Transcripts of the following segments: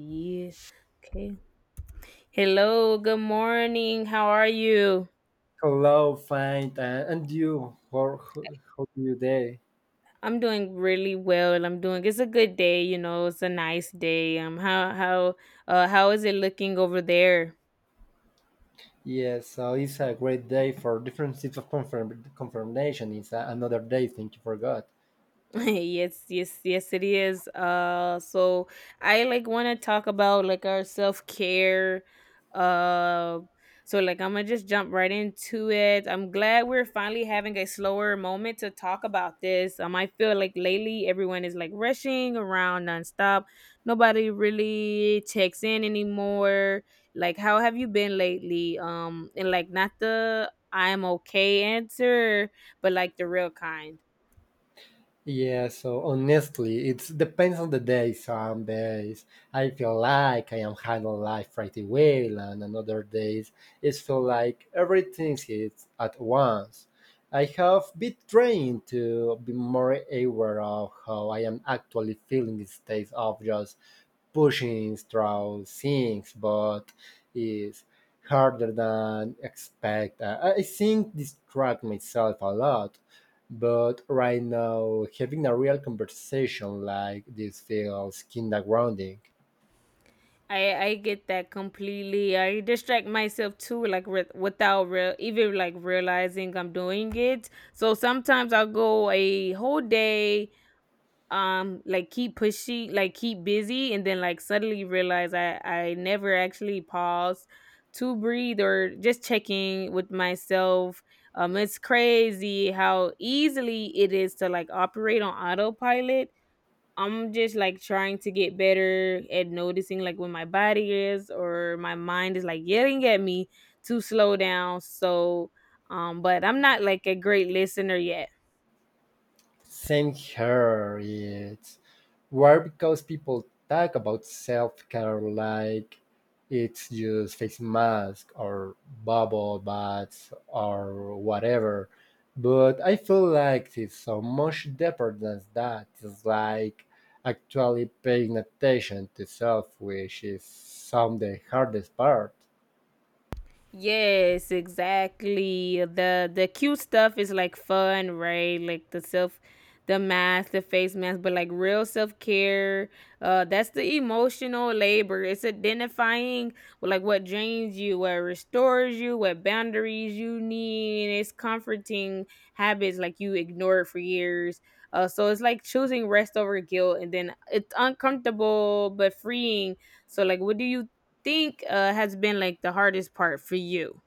Yeah. Okay. Hello. Good morning. How are you? Hello, fine, and you? How, do you day? I'm doing really well. I'm doing. It's a good day. It's a nice day. How is it looking over there? Yes, so it's a great day for different types of confirmation. It's another day. Thank you for God. Yes, yes, yes, it is, so I like want to talk about like our self-care. uh so like I'm gonna just jump right into it. I'm glad we're finally having a slower moment to talk about this. I feel like lately everyone is like rushing around nonstop. Nobody really checks in anymore. Like how have you been lately? And like not the I'm okay answer, but like the real kind. Yeah, so honestly, it depends on the day. Some days I feel like I am handling life pretty well, and another days it feel like everything hits at once. I have been trying to be more aware of how I am actually feeling instead of just pushing through things, but it's harder than expect. I think distract myself a lot but right now, having a real conversation like this feels kinda grounding. I get that completely. I distract myself too, like without real, even like realizing I'm doing it. So sometimes I'll go a whole day, like keep pushing, like keep busy, and then like suddenly realize I never actually pause to breathe or just checking with myself. It's crazy how easily it is to like operate on autopilot. I'm just like trying to get better at noticing like when my body is or my mind is like yelling at me to slow down. So, but I'm not like a great listener yet. Same here. It's weird because people talk about self care like it's just face mask or bubble baths or whatever. But I feel like it's so much deeper than that. It's like actually paying attention to self, which is some of the hardest part. Yes, exactly. The cute stuff is like fun, right? Like the mask, the face mask, but like real self-care, that's the emotional labor. It's identifying like what drains you, what restores you, what boundaries you need. It's comforting habits like you ignored for years. So it's like choosing rest over guilt, and then it's uncomfortable but freeing. So like what do you think has been like the hardest part for you?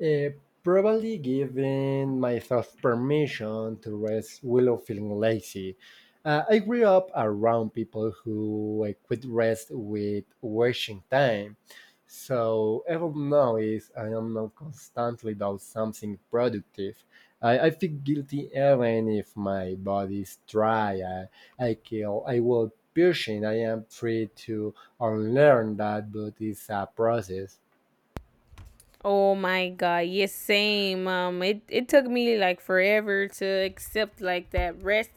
Eh, Probably giving myself permission to rest while feeling lazy. I grew up around people who equate rest with wasting time. So even now is I am not constantly doing something productive. I feel guilty even if my body is dry. I kill I will pushing. I am free to unlearn that but it's a process. Oh my god, yes, same. It took me like forever to accept like that rest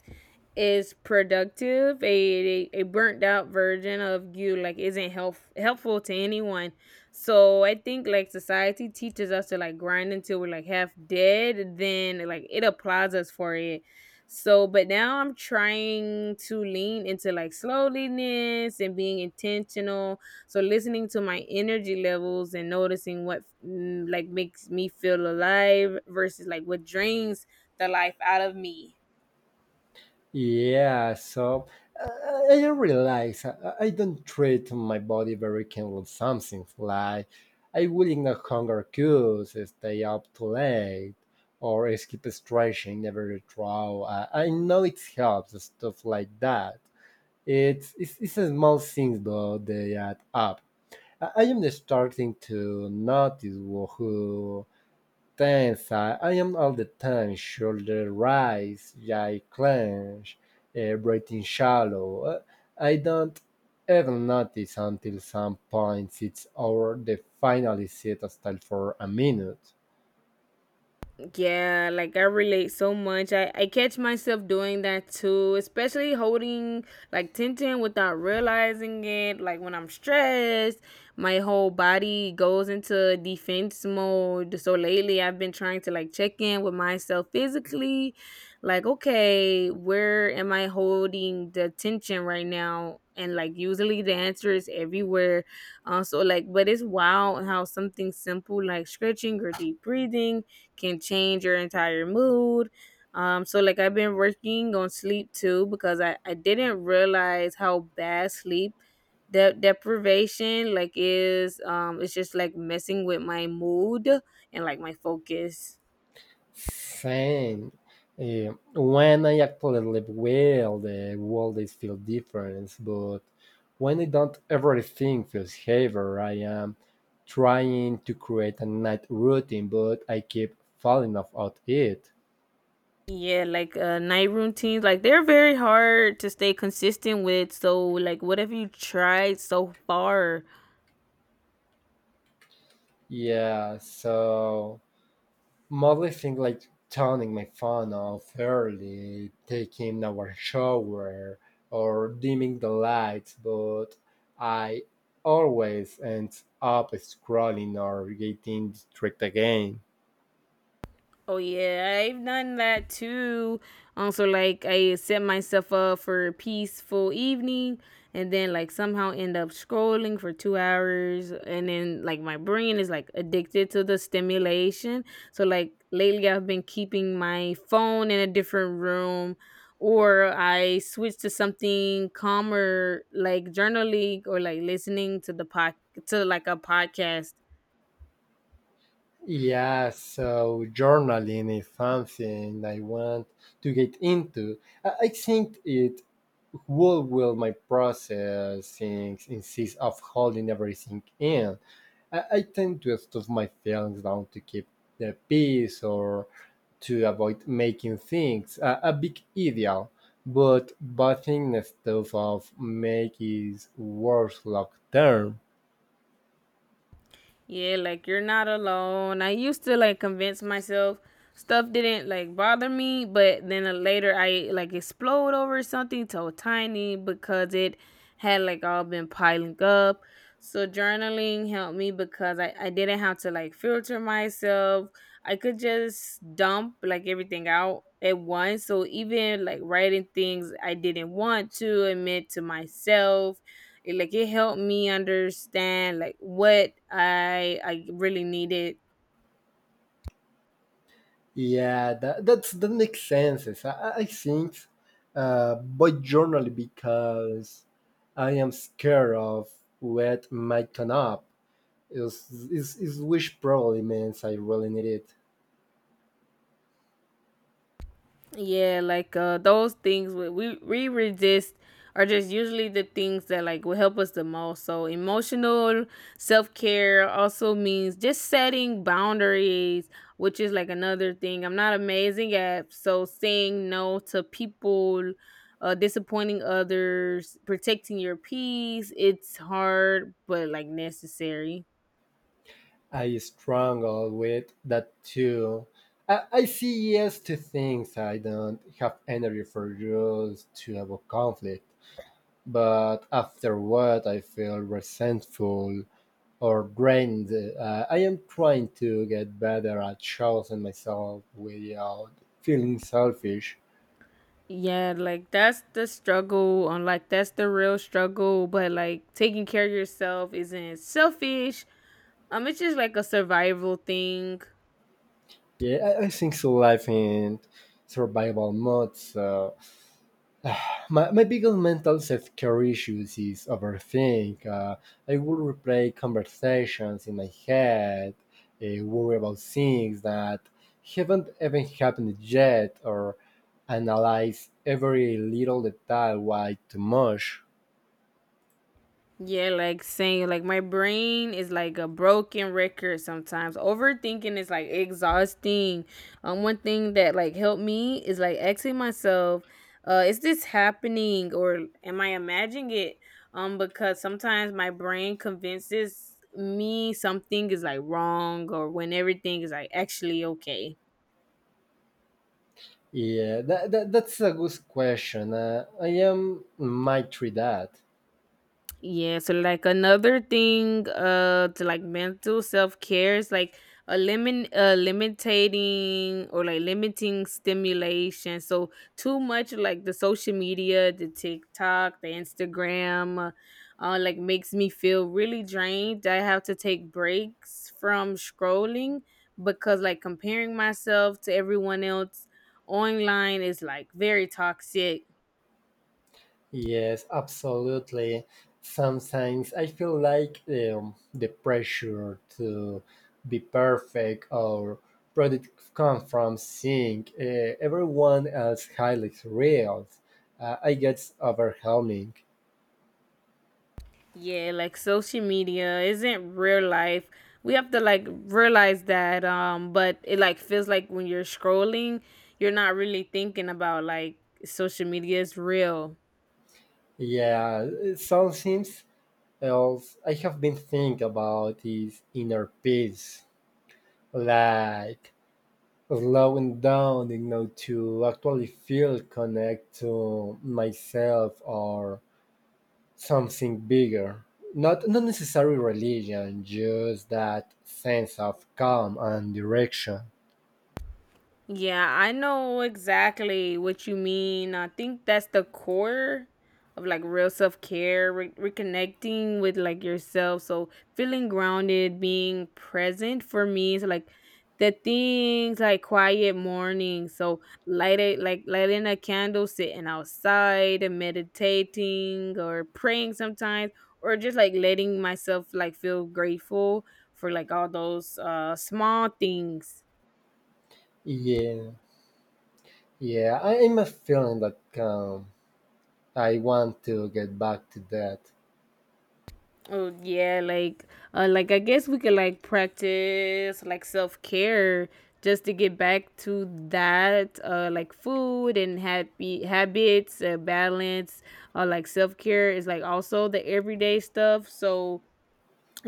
is productive. A burnt out version of you like isn't helpful to anyone. So I think like society teaches us to like grind until we're like half dead. Then like it applauds us for it. So, but now I'm trying to lean into like slowliness and being intentional, so listening to my energy levels and noticing what like makes me feel alive versus like what drains the life out of me. Yeah, so I realize I don't treat my body very kindly with some things like I will ignore hunger cues, stay up too late, or skip stretching, never draw. I know it helps, stuff like that. It's a small things, but they add up. I am starting to notice who tensa. I am all the time. Shoulder rise, jaw clench, breathing shallow. I don't even notice until some points it's over the final set style for a minute. Yeah, like I relate so much. I catch myself doing that too, especially holding like tension without realizing it. Like when I'm stressed, my whole body goes into defense mode. So lately, I've been trying to like check in with myself physically. Like, okay, where am I holding the tension right now? And like usually the answer is everywhere. Also, like, but it's wild how something simple like stretching or deep breathing can change your entire mood. So like I've been working on sleep too because I didn't realize how bad sleep deprivation like is. It's just like messing with my mood and like my focus. Same. When I actually live well, the world is feel different, but when I don't, everything feels heavier. I am trying to create a night routine, but I keep falling off out it. Yeah, like night routines, like they're very hard to stay consistent with. So, like, what have you tried so far? Yeah, so mostly things like turning my phone off early, taking our shower, or dimming the lights, but I always end up scrolling or getting distracted again. Oh yeah, I've done that too. Also, like I set myself up for a peaceful evening, and then like somehow end up scrolling for 2 hours, and then like my brain is like addicted to the stimulation. So like lately, I've been keeping my phone in a different room, or I switch to something calmer, like journaling or like listening to the pod to like a podcast. Yeah, so journaling is something I want to get into. I think it will my process things instead of holding everything in. I tend to stuff my feelings down to keep the peace or to avoid making things a big ideal. But buying the stuff of make is worse long term. Yeah, like you're not alone. I used to like convince myself stuff didn't like bother me, but then later I like explode over something so tiny because it had like all been piling up. So journaling helped me because I didn't have to like filter myself. I could just dump like everything out at once. So even like writing things I didn't want to admit to myself, it helped me understand like what I really needed. Yeah, that makes sense. I think but generally because I am scared of what might come up. Is which probably means I really need it. Yeah, like those things we resist are just usually the things that like will help us the most. So emotional self-care also means just setting boundaries, which is like another thing I'm not amazing at. So saying no to people, disappointing others, protecting your peace. It's hard, but like necessary. I struggle with that too. I say yes to things I don't have energy for just to avoid conflict, but afterward I feel resentful or drained. I am trying to get better at choosing myself without feeling selfish. Yeah, like that's the struggle on like that's the real struggle, but like taking care of yourself isn't selfish. It's just like a survival thing. Yeah, I think so life in survival mode, so my biggest mental self-care issues is overthink. I will replay conversations in my head, worry about things that haven't even happened yet, or analyze every little detail way too much. Yeah, like saying like my brain is like a broken record sometimes. Overthinking is like exhausting. One thing that like helped me is like asking myself, is this happening or am I imagining it? Because sometimes my brain convinces me something is like wrong or when everything is like actually okay. Yeah, that's a good question. I am might try that. Yeah, so like another thing to like mental self-care is like a limit limiting or like limiting stimulation. So too much like the social media, the TikTok, the Instagram like makes me feel really drained. I have to take breaks from scrolling because like comparing myself to everyone else online is like very toxic. Yes, absolutely. Sometimes I feel like the pressure to be perfect or product come from seeing everyone else highlights reels. I get overwhelming. Yeah, like social media isn't real life. We have to like realize that. But it like feels like when you're scrolling, you're not really thinking about like social media is real. Yeah, sometimes else I have been thinking about is inner peace, like slowing down, you know, to actually feel connect to myself or something bigger. Not necessarily religion, just that sense of calm and direction. Yeah, I know exactly what you mean. I think that's the core of like real self care, reconnecting with like yourself. So feeling grounded, being present for me is like the things like quiet mornings. So light it like lighting a candle, sitting outside and meditating or praying sometimes, or just like letting myself like feel grateful for like all those small things. Yeah, yeah, I am feeling that calm. I want to get back to that. Oh yeah, like I guess we could like practice like self care just to get back to that, like food and happy habits, balance, like self care is like also the everyday stuff. So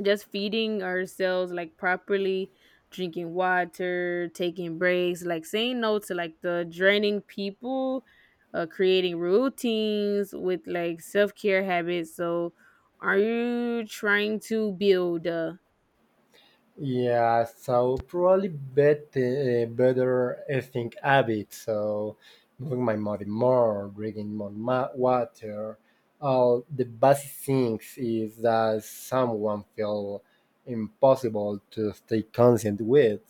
just feeding ourselves like properly, drinking water, taking breaks, like saying no to like the draining people, creating routines with like self-care habits, so are you trying to build Yeah, so probably better, better eating habits. So moving my body more, drinking more water. All the basic things is that someone feel impossible to stay constant with.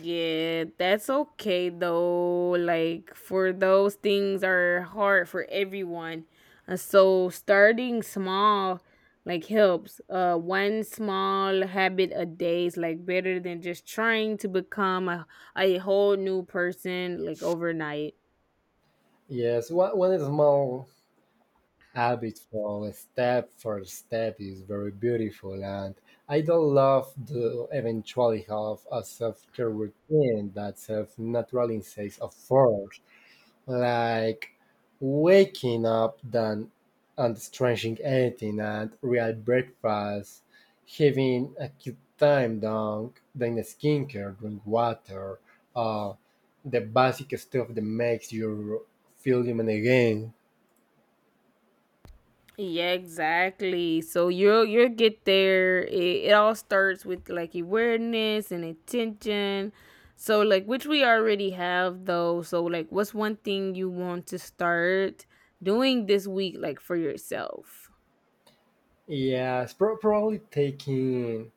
Yeah, that's okay though. Like for those things are hard for everyone. So starting small like helps. One small habit a day is like better than just trying to become a whole new person like overnight. Yes, one small habit for step is very beautiful, and I don't love to eventually have a self care routine that serves natural insights of force. Like waking up then and stretching anything and real breakfast, having a cute time down, then skincare, drink water, uh, the basic stuff that makes you feel human again. Yeah, exactly. So you'll get there. It all starts with like awareness and attention. So like which we already have though. So like what's one thing you want to start doing this week like for yourself? Yes, probably taking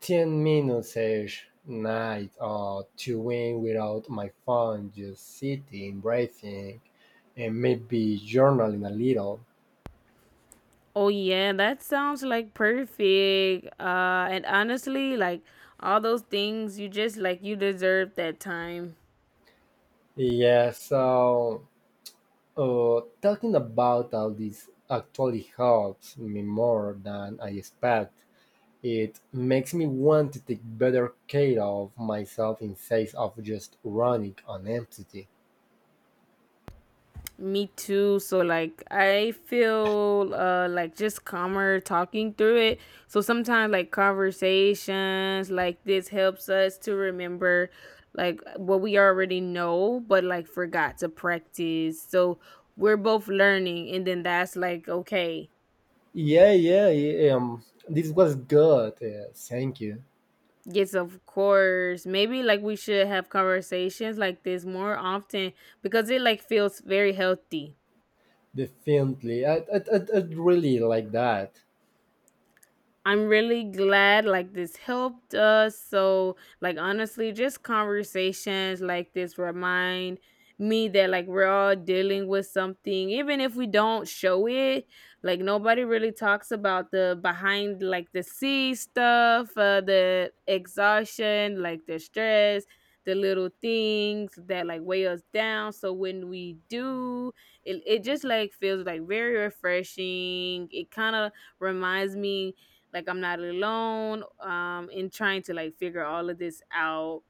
10 minutes each night or to win without my phone, just sitting, breathing, and maybe journaling a little. Oh yeah, that sounds like perfect. And honestly, like all those things you just like, you deserve that time. Yeah, so talking about all this actually helps me more than I expect. It makes me want to take better care of myself instead of just running on empty. Me too. So like I feel like just calmer talking through it. So sometimes like conversations like this helps us to remember like what we already know but like forgot to practice. So we're both learning, and then that's like okay. Yeah, yeah, yeah, um, this was good. Thank you. Yes, of course. Maybe like we should have conversations like this more often because it like feels very healthy. Definitely, I really like that. I'm really glad like this helped us. So like honestly, just conversations like this remind me that like we're all dealing with something even if we don't show it. Like nobody really talks about the behind, like the sea stuff, the exhaustion, like the stress, the little things that like weigh us down. So when we do it just like feels like very refreshing. It kind of reminds me like I'm not alone, in trying to like figure all of this out.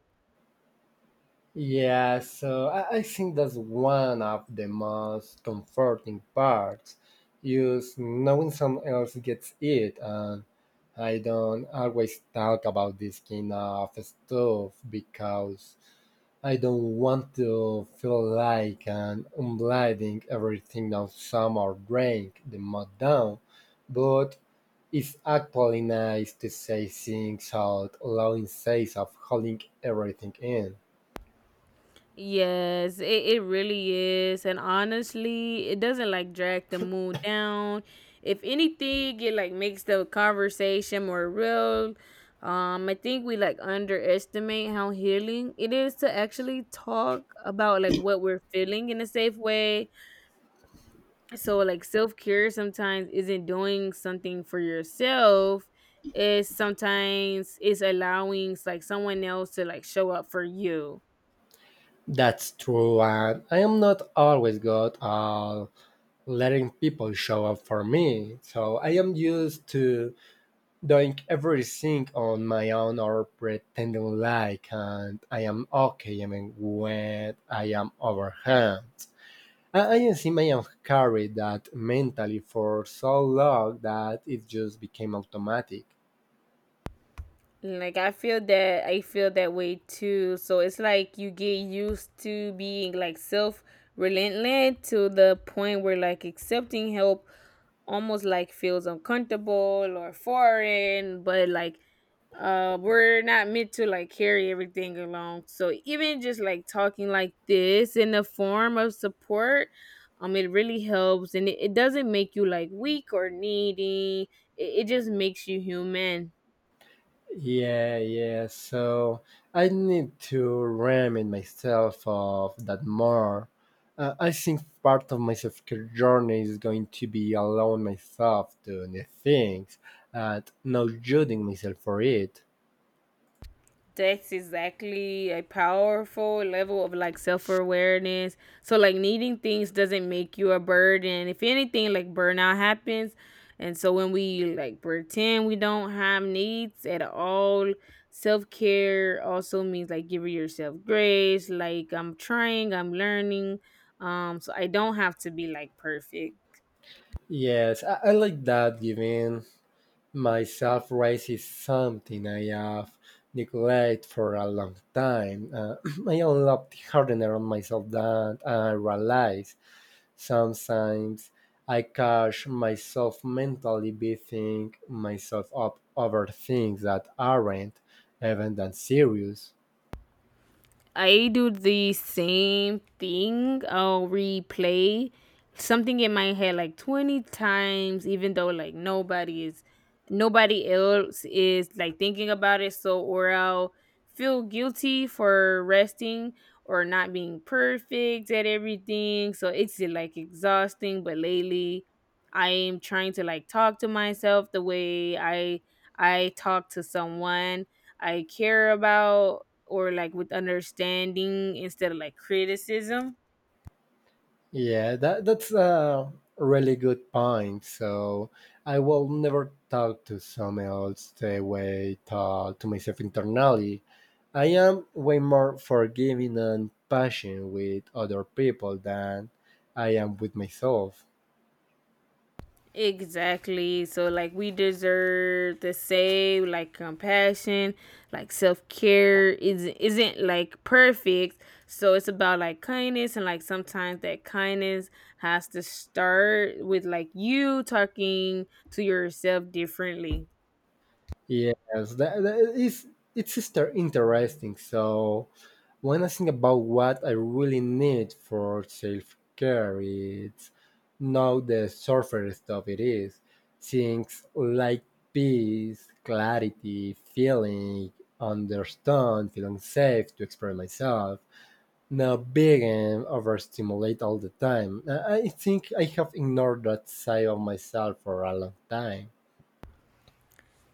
Yeah, so I think that's one of the most comforting parts is knowing someone else gets it and I don't always talk about this kind of stuff because I don't want to feel like I'm unblinding everything down some or drink the mud down. But it's actually nice to say things out loud instead of holding everything in. Yes, it really is, and honestly it doesn't like drag the mood down. If anything, it like makes the conversation more real. I think we like underestimate how healing it is to actually talk about like what we're feeling in a safe way. So like self-care sometimes isn't doing something for yourself, is sometimes is allowing like someone else to like show up for you. That's true, and I am not always good at letting people show up for me, so I am used to doing everything on my own or pretending like and I am okay even when I am overwhelmed. I assume I have carried that mentally for so long that it just became automatic. Like I feel that, I feel that way too. So it's like you get used to being like self relentless to the point where like accepting help almost like feels uncomfortable or foreign. But like we're not meant to like carry everything along. So even just like talking like this in the form of support, it really helps. And it doesn't make you like weak or needy. It just makes you human. Yeah, yeah. So I need to remind myself of that more. I think part of my self care journey is going to be allowing myself doing the things and not judging myself for it. That's exactly a powerful level of like self-awareness. So like needing things doesn't make you a burden. If anything, like burnout happens. And so when we like pretend we don't have needs at all, self-care also means like giving yourself grace. Like I'm trying, I'm learning. So I don't have to be like perfect. Yes, I like that giving myself raise is something I have neglected for a long time. I unlocked harder on myself than I realized. Sometimes I catch myself mentally beating myself up over things that aren't even that serious. I do the same thing. I'll replay something in my head like 20 times, even though like nobody else is like thinking about it. So, or I'll feel guilty for resting or not being perfect at everything. So it's like exhausting. But lately, I am trying to like talk to myself the way I talk to someone I care about or like with understanding instead of like criticism. Yeah, that's a really good point. So I will never talk to someone else the way I talk to myself internally. I am way more forgiving and patient with other people than I am with myself. Exactly. So like we deserve the same like compassion, like self-care is isn't like perfect. So it's about like kindness and like sometimes that kindness has to start with like you talking to yourself differently. Yes, that is it's just interesting. So when I think about what I really need for self care, it's not the surface stuff. It is things like peace, clarity, feeling understand, feeling safe to express myself. Not being overstimulated all the time. I think I have ignored that side of myself for a long time.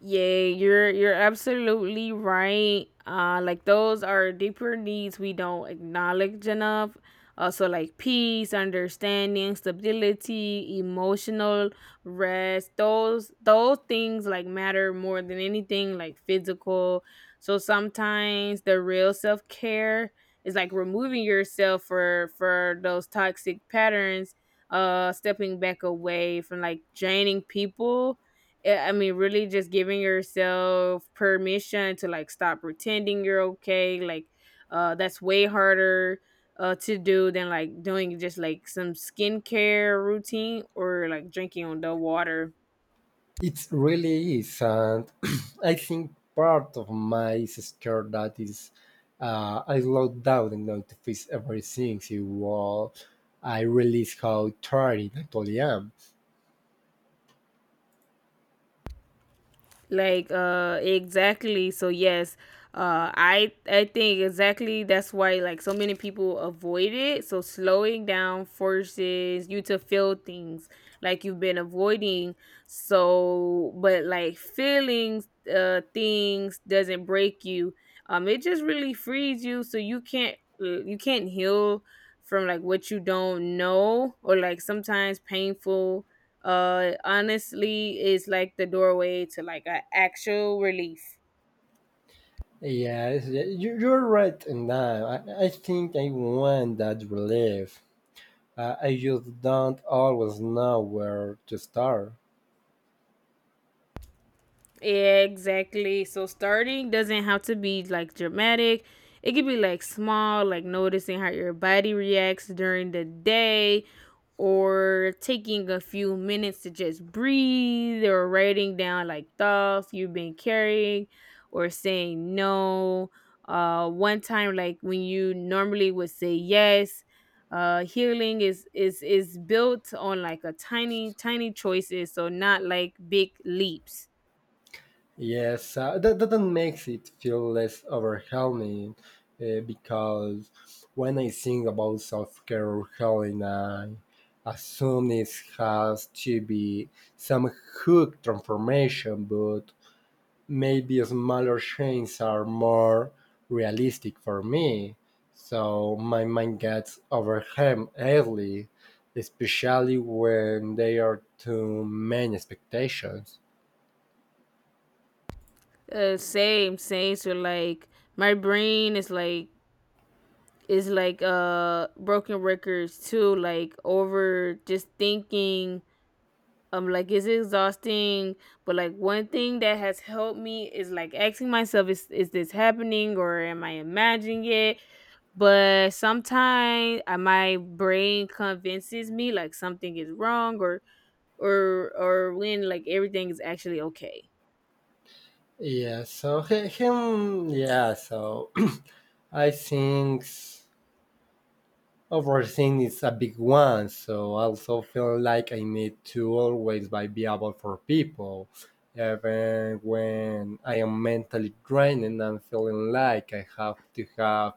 Yeah, you're absolutely right. Like those are deeper needs we don't acknowledge enough. Also, like peace, understanding, stability, emotional rest. Those things like matter more than anything like physical. So sometimes the real self care is like removing yourself for those toxic patterns. Stepping back away from like draining people. I mean, really just giving yourself permission to like stop pretending you're okay. That's way harder to do than like doing just like some skincare routine or like drinking on the water. It really is, and I think part of my is scared that is I slow down enough to fix everything so while I realize how tired I actually am. Exactly so yes, I think exactly that's why like so many people avoid it, so slowing down forces you to feel things like you've been avoiding. So but like feelings, things doesn't break you. It just really frees you, so you can't heal from like what you don't know, or like sometimes painful honestly is like the doorway to like a actual relief. Yes, you're right, and I think I want that relief. I just don't always know where to start. Yeah, exactly, so starting doesn't have to be like dramatic. It could be like small, like noticing how your body reacts during the day, or taking a few minutes to just breathe, or writing down like thoughts you've been carrying, or saying no one time like when you normally would say yes. Healing is built on like a tiny tiny choices, so not like big leaps. Yes, that makes it feel less overwhelming because when I think about self care healing, I assume it has to be some hook transformation, but maybe smaller changes are more realistic for me. So my mind gets overwhelmed easily, especially when there are too many expectations. Same so like my brain is like broken records too, like over just thinking. Like it's exhausting, but like one thing that has helped me is like asking myself, is this happening or am I imagining it? But sometimes my brain convinces me like something is wrong, or when like everything is actually okay. Yeah, so I think overthink is a big one. So I also feel like I need to always be available for people, even when I am mentally drained and I'm feeling like I have to have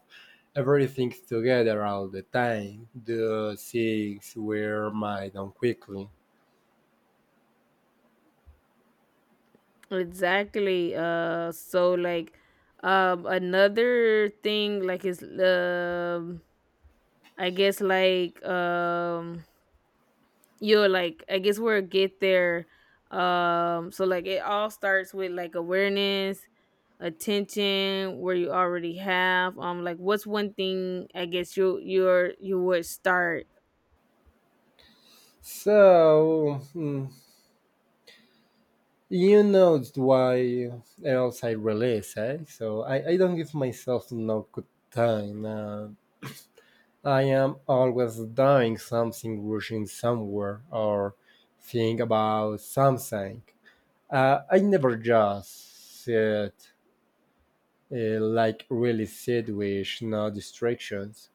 everything together all the time. Do things wear my down quickly. Exactly, so like another thing like is i guess like um You're like I guess we'll get there. So like it all starts with like awareness, attention, where you already have. Like what's one thing I guess you would start So. mm, You know it's why else I release, So I don't give myself no good time. I am always doing something, rushing somewhere, or think about something. I never just sit, like really sit with no distractions.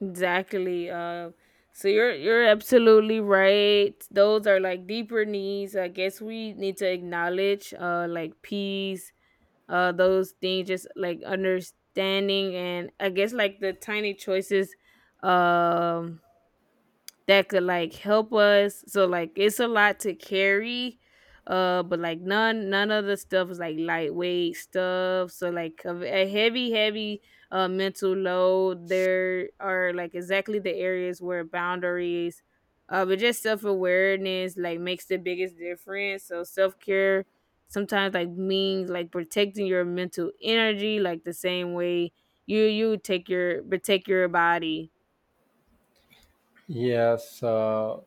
exactly. So you're absolutely right. Those are like deeper needs. I guess we need to acknowledge like peace, those things just like understanding, and I guess like the tiny choices um that could like help us. So like it's a lot to carry. But like none of the stuff is like lightweight stuff. So like a heavy, heavy mental load. There are like exactly the areas where boundaries, but just self awareness like makes the biggest difference. So self care sometimes like means like protecting your mental energy like the same way you take your protect your body. Yes,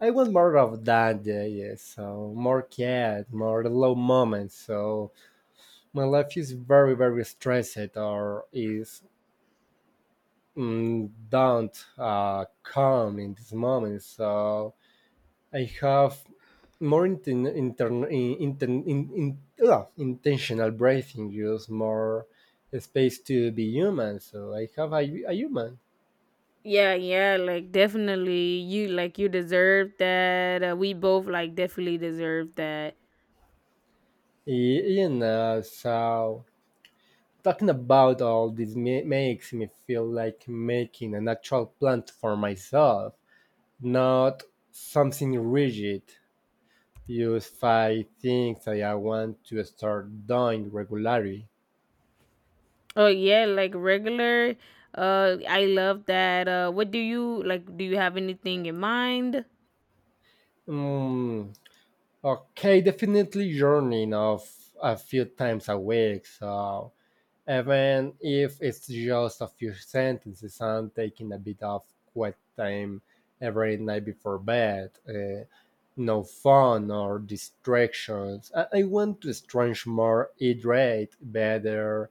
I want more of that, yes. So more cat, more low moments, so my life is very very stressed or is don't calm in this moment so I have more intentional breathing use more space to be human so I have a human. Yeah, yeah, like definitely you like you deserve that. We both like definitely deserve that. Y- and So talking about all this makes me feel like making an actual plan for myself, not something rigid. Yes, five things I want to start doing regularly. Oh yeah, like regular, I love that. Uh, what do you like, do you have anything in mind? Mm, okay, definitely journaling of a few times a week. So even if it's just a few sentences and taking a bit of quiet time every night before bed, no phone or distractions. I want to stretch more, hydrate better,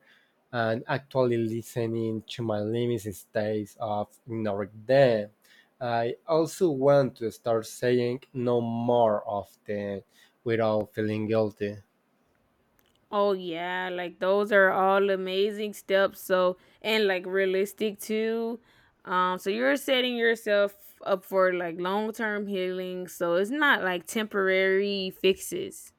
and actually listening to my limits instead of ignoring them. I also want to start saying no more often without feeling guilty. Oh yeah, like those are all amazing steps. So, and like realistic too. Um, so you're setting yourself up for like long-term healing, so it's not like temporary fixes.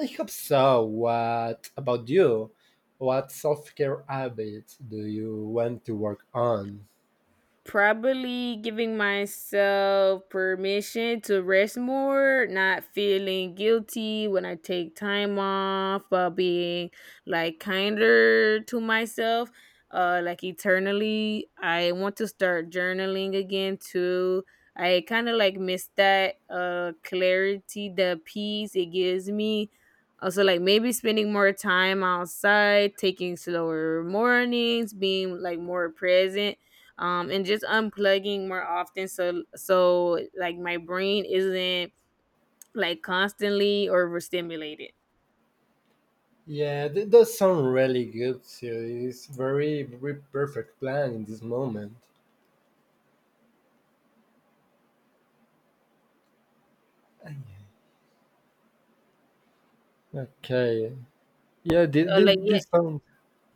I hope so. What about you? What self care habits do you want to work on? Probably giving myself permission to rest more, not feeling guilty when I take time off, but being like kinder to myself, like eternally. I want to start journaling again too. I kind of like miss that clarity, the peace it gives me. Also, like maybe spending more time outside, taking slower mornings, being like more present, and just unplugging more often, so so like my brain isn't like constantly overstimulated. Yeah, that does sound really good too. It's very, very perfect plan in this moment. Okay. Yeah, this, uh, like yeah this sounds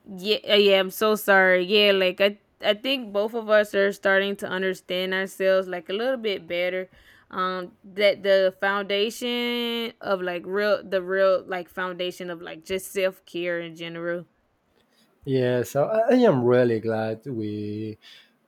yeah uh, yeah i'm so sorry. Yeah, like I think both of us are starting to understand ourselves like a little bit better, that the foundation of like real, the real like foundation of like just self-care in general. Yeah, so I am really glad we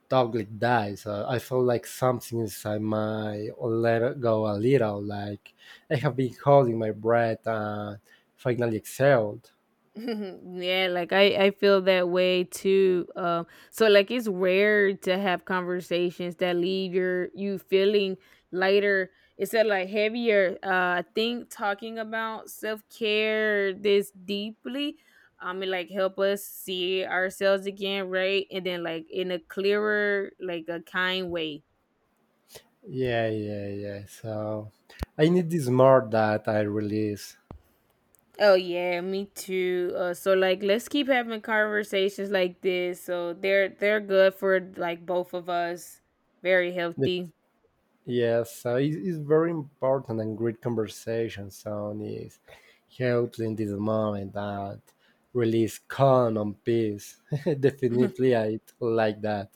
talked like that. So I feel like something inside my let go a little. Like I have been holding my breath and finally exhaled. Yeah, like I feel that way too. So like it's rare to have conversations that leave your you feeling lighter instead of like heavier. I think talking about self care this deeply, it like help us see ourselves again, right? And then like in a clearer, like a kind way. Yeah. So I need this more that I release. Oh yeah, me too. So like, let's keep having conversations like this. So they're good for like both of us. Very The- healthy. Yeah, so it's very important and great conversation. So is helps in this moment that release calm and peace. Definitely, I like that.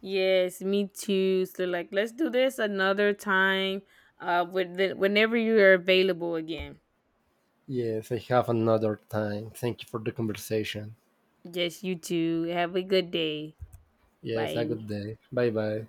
Yes, me too. So like, let's do this another time. With the, whenever you are available again. Yes, I have another time. Thank you for the conversation. Yes, you too. Have a good day. Yes, a good Bye. day. Bye bye.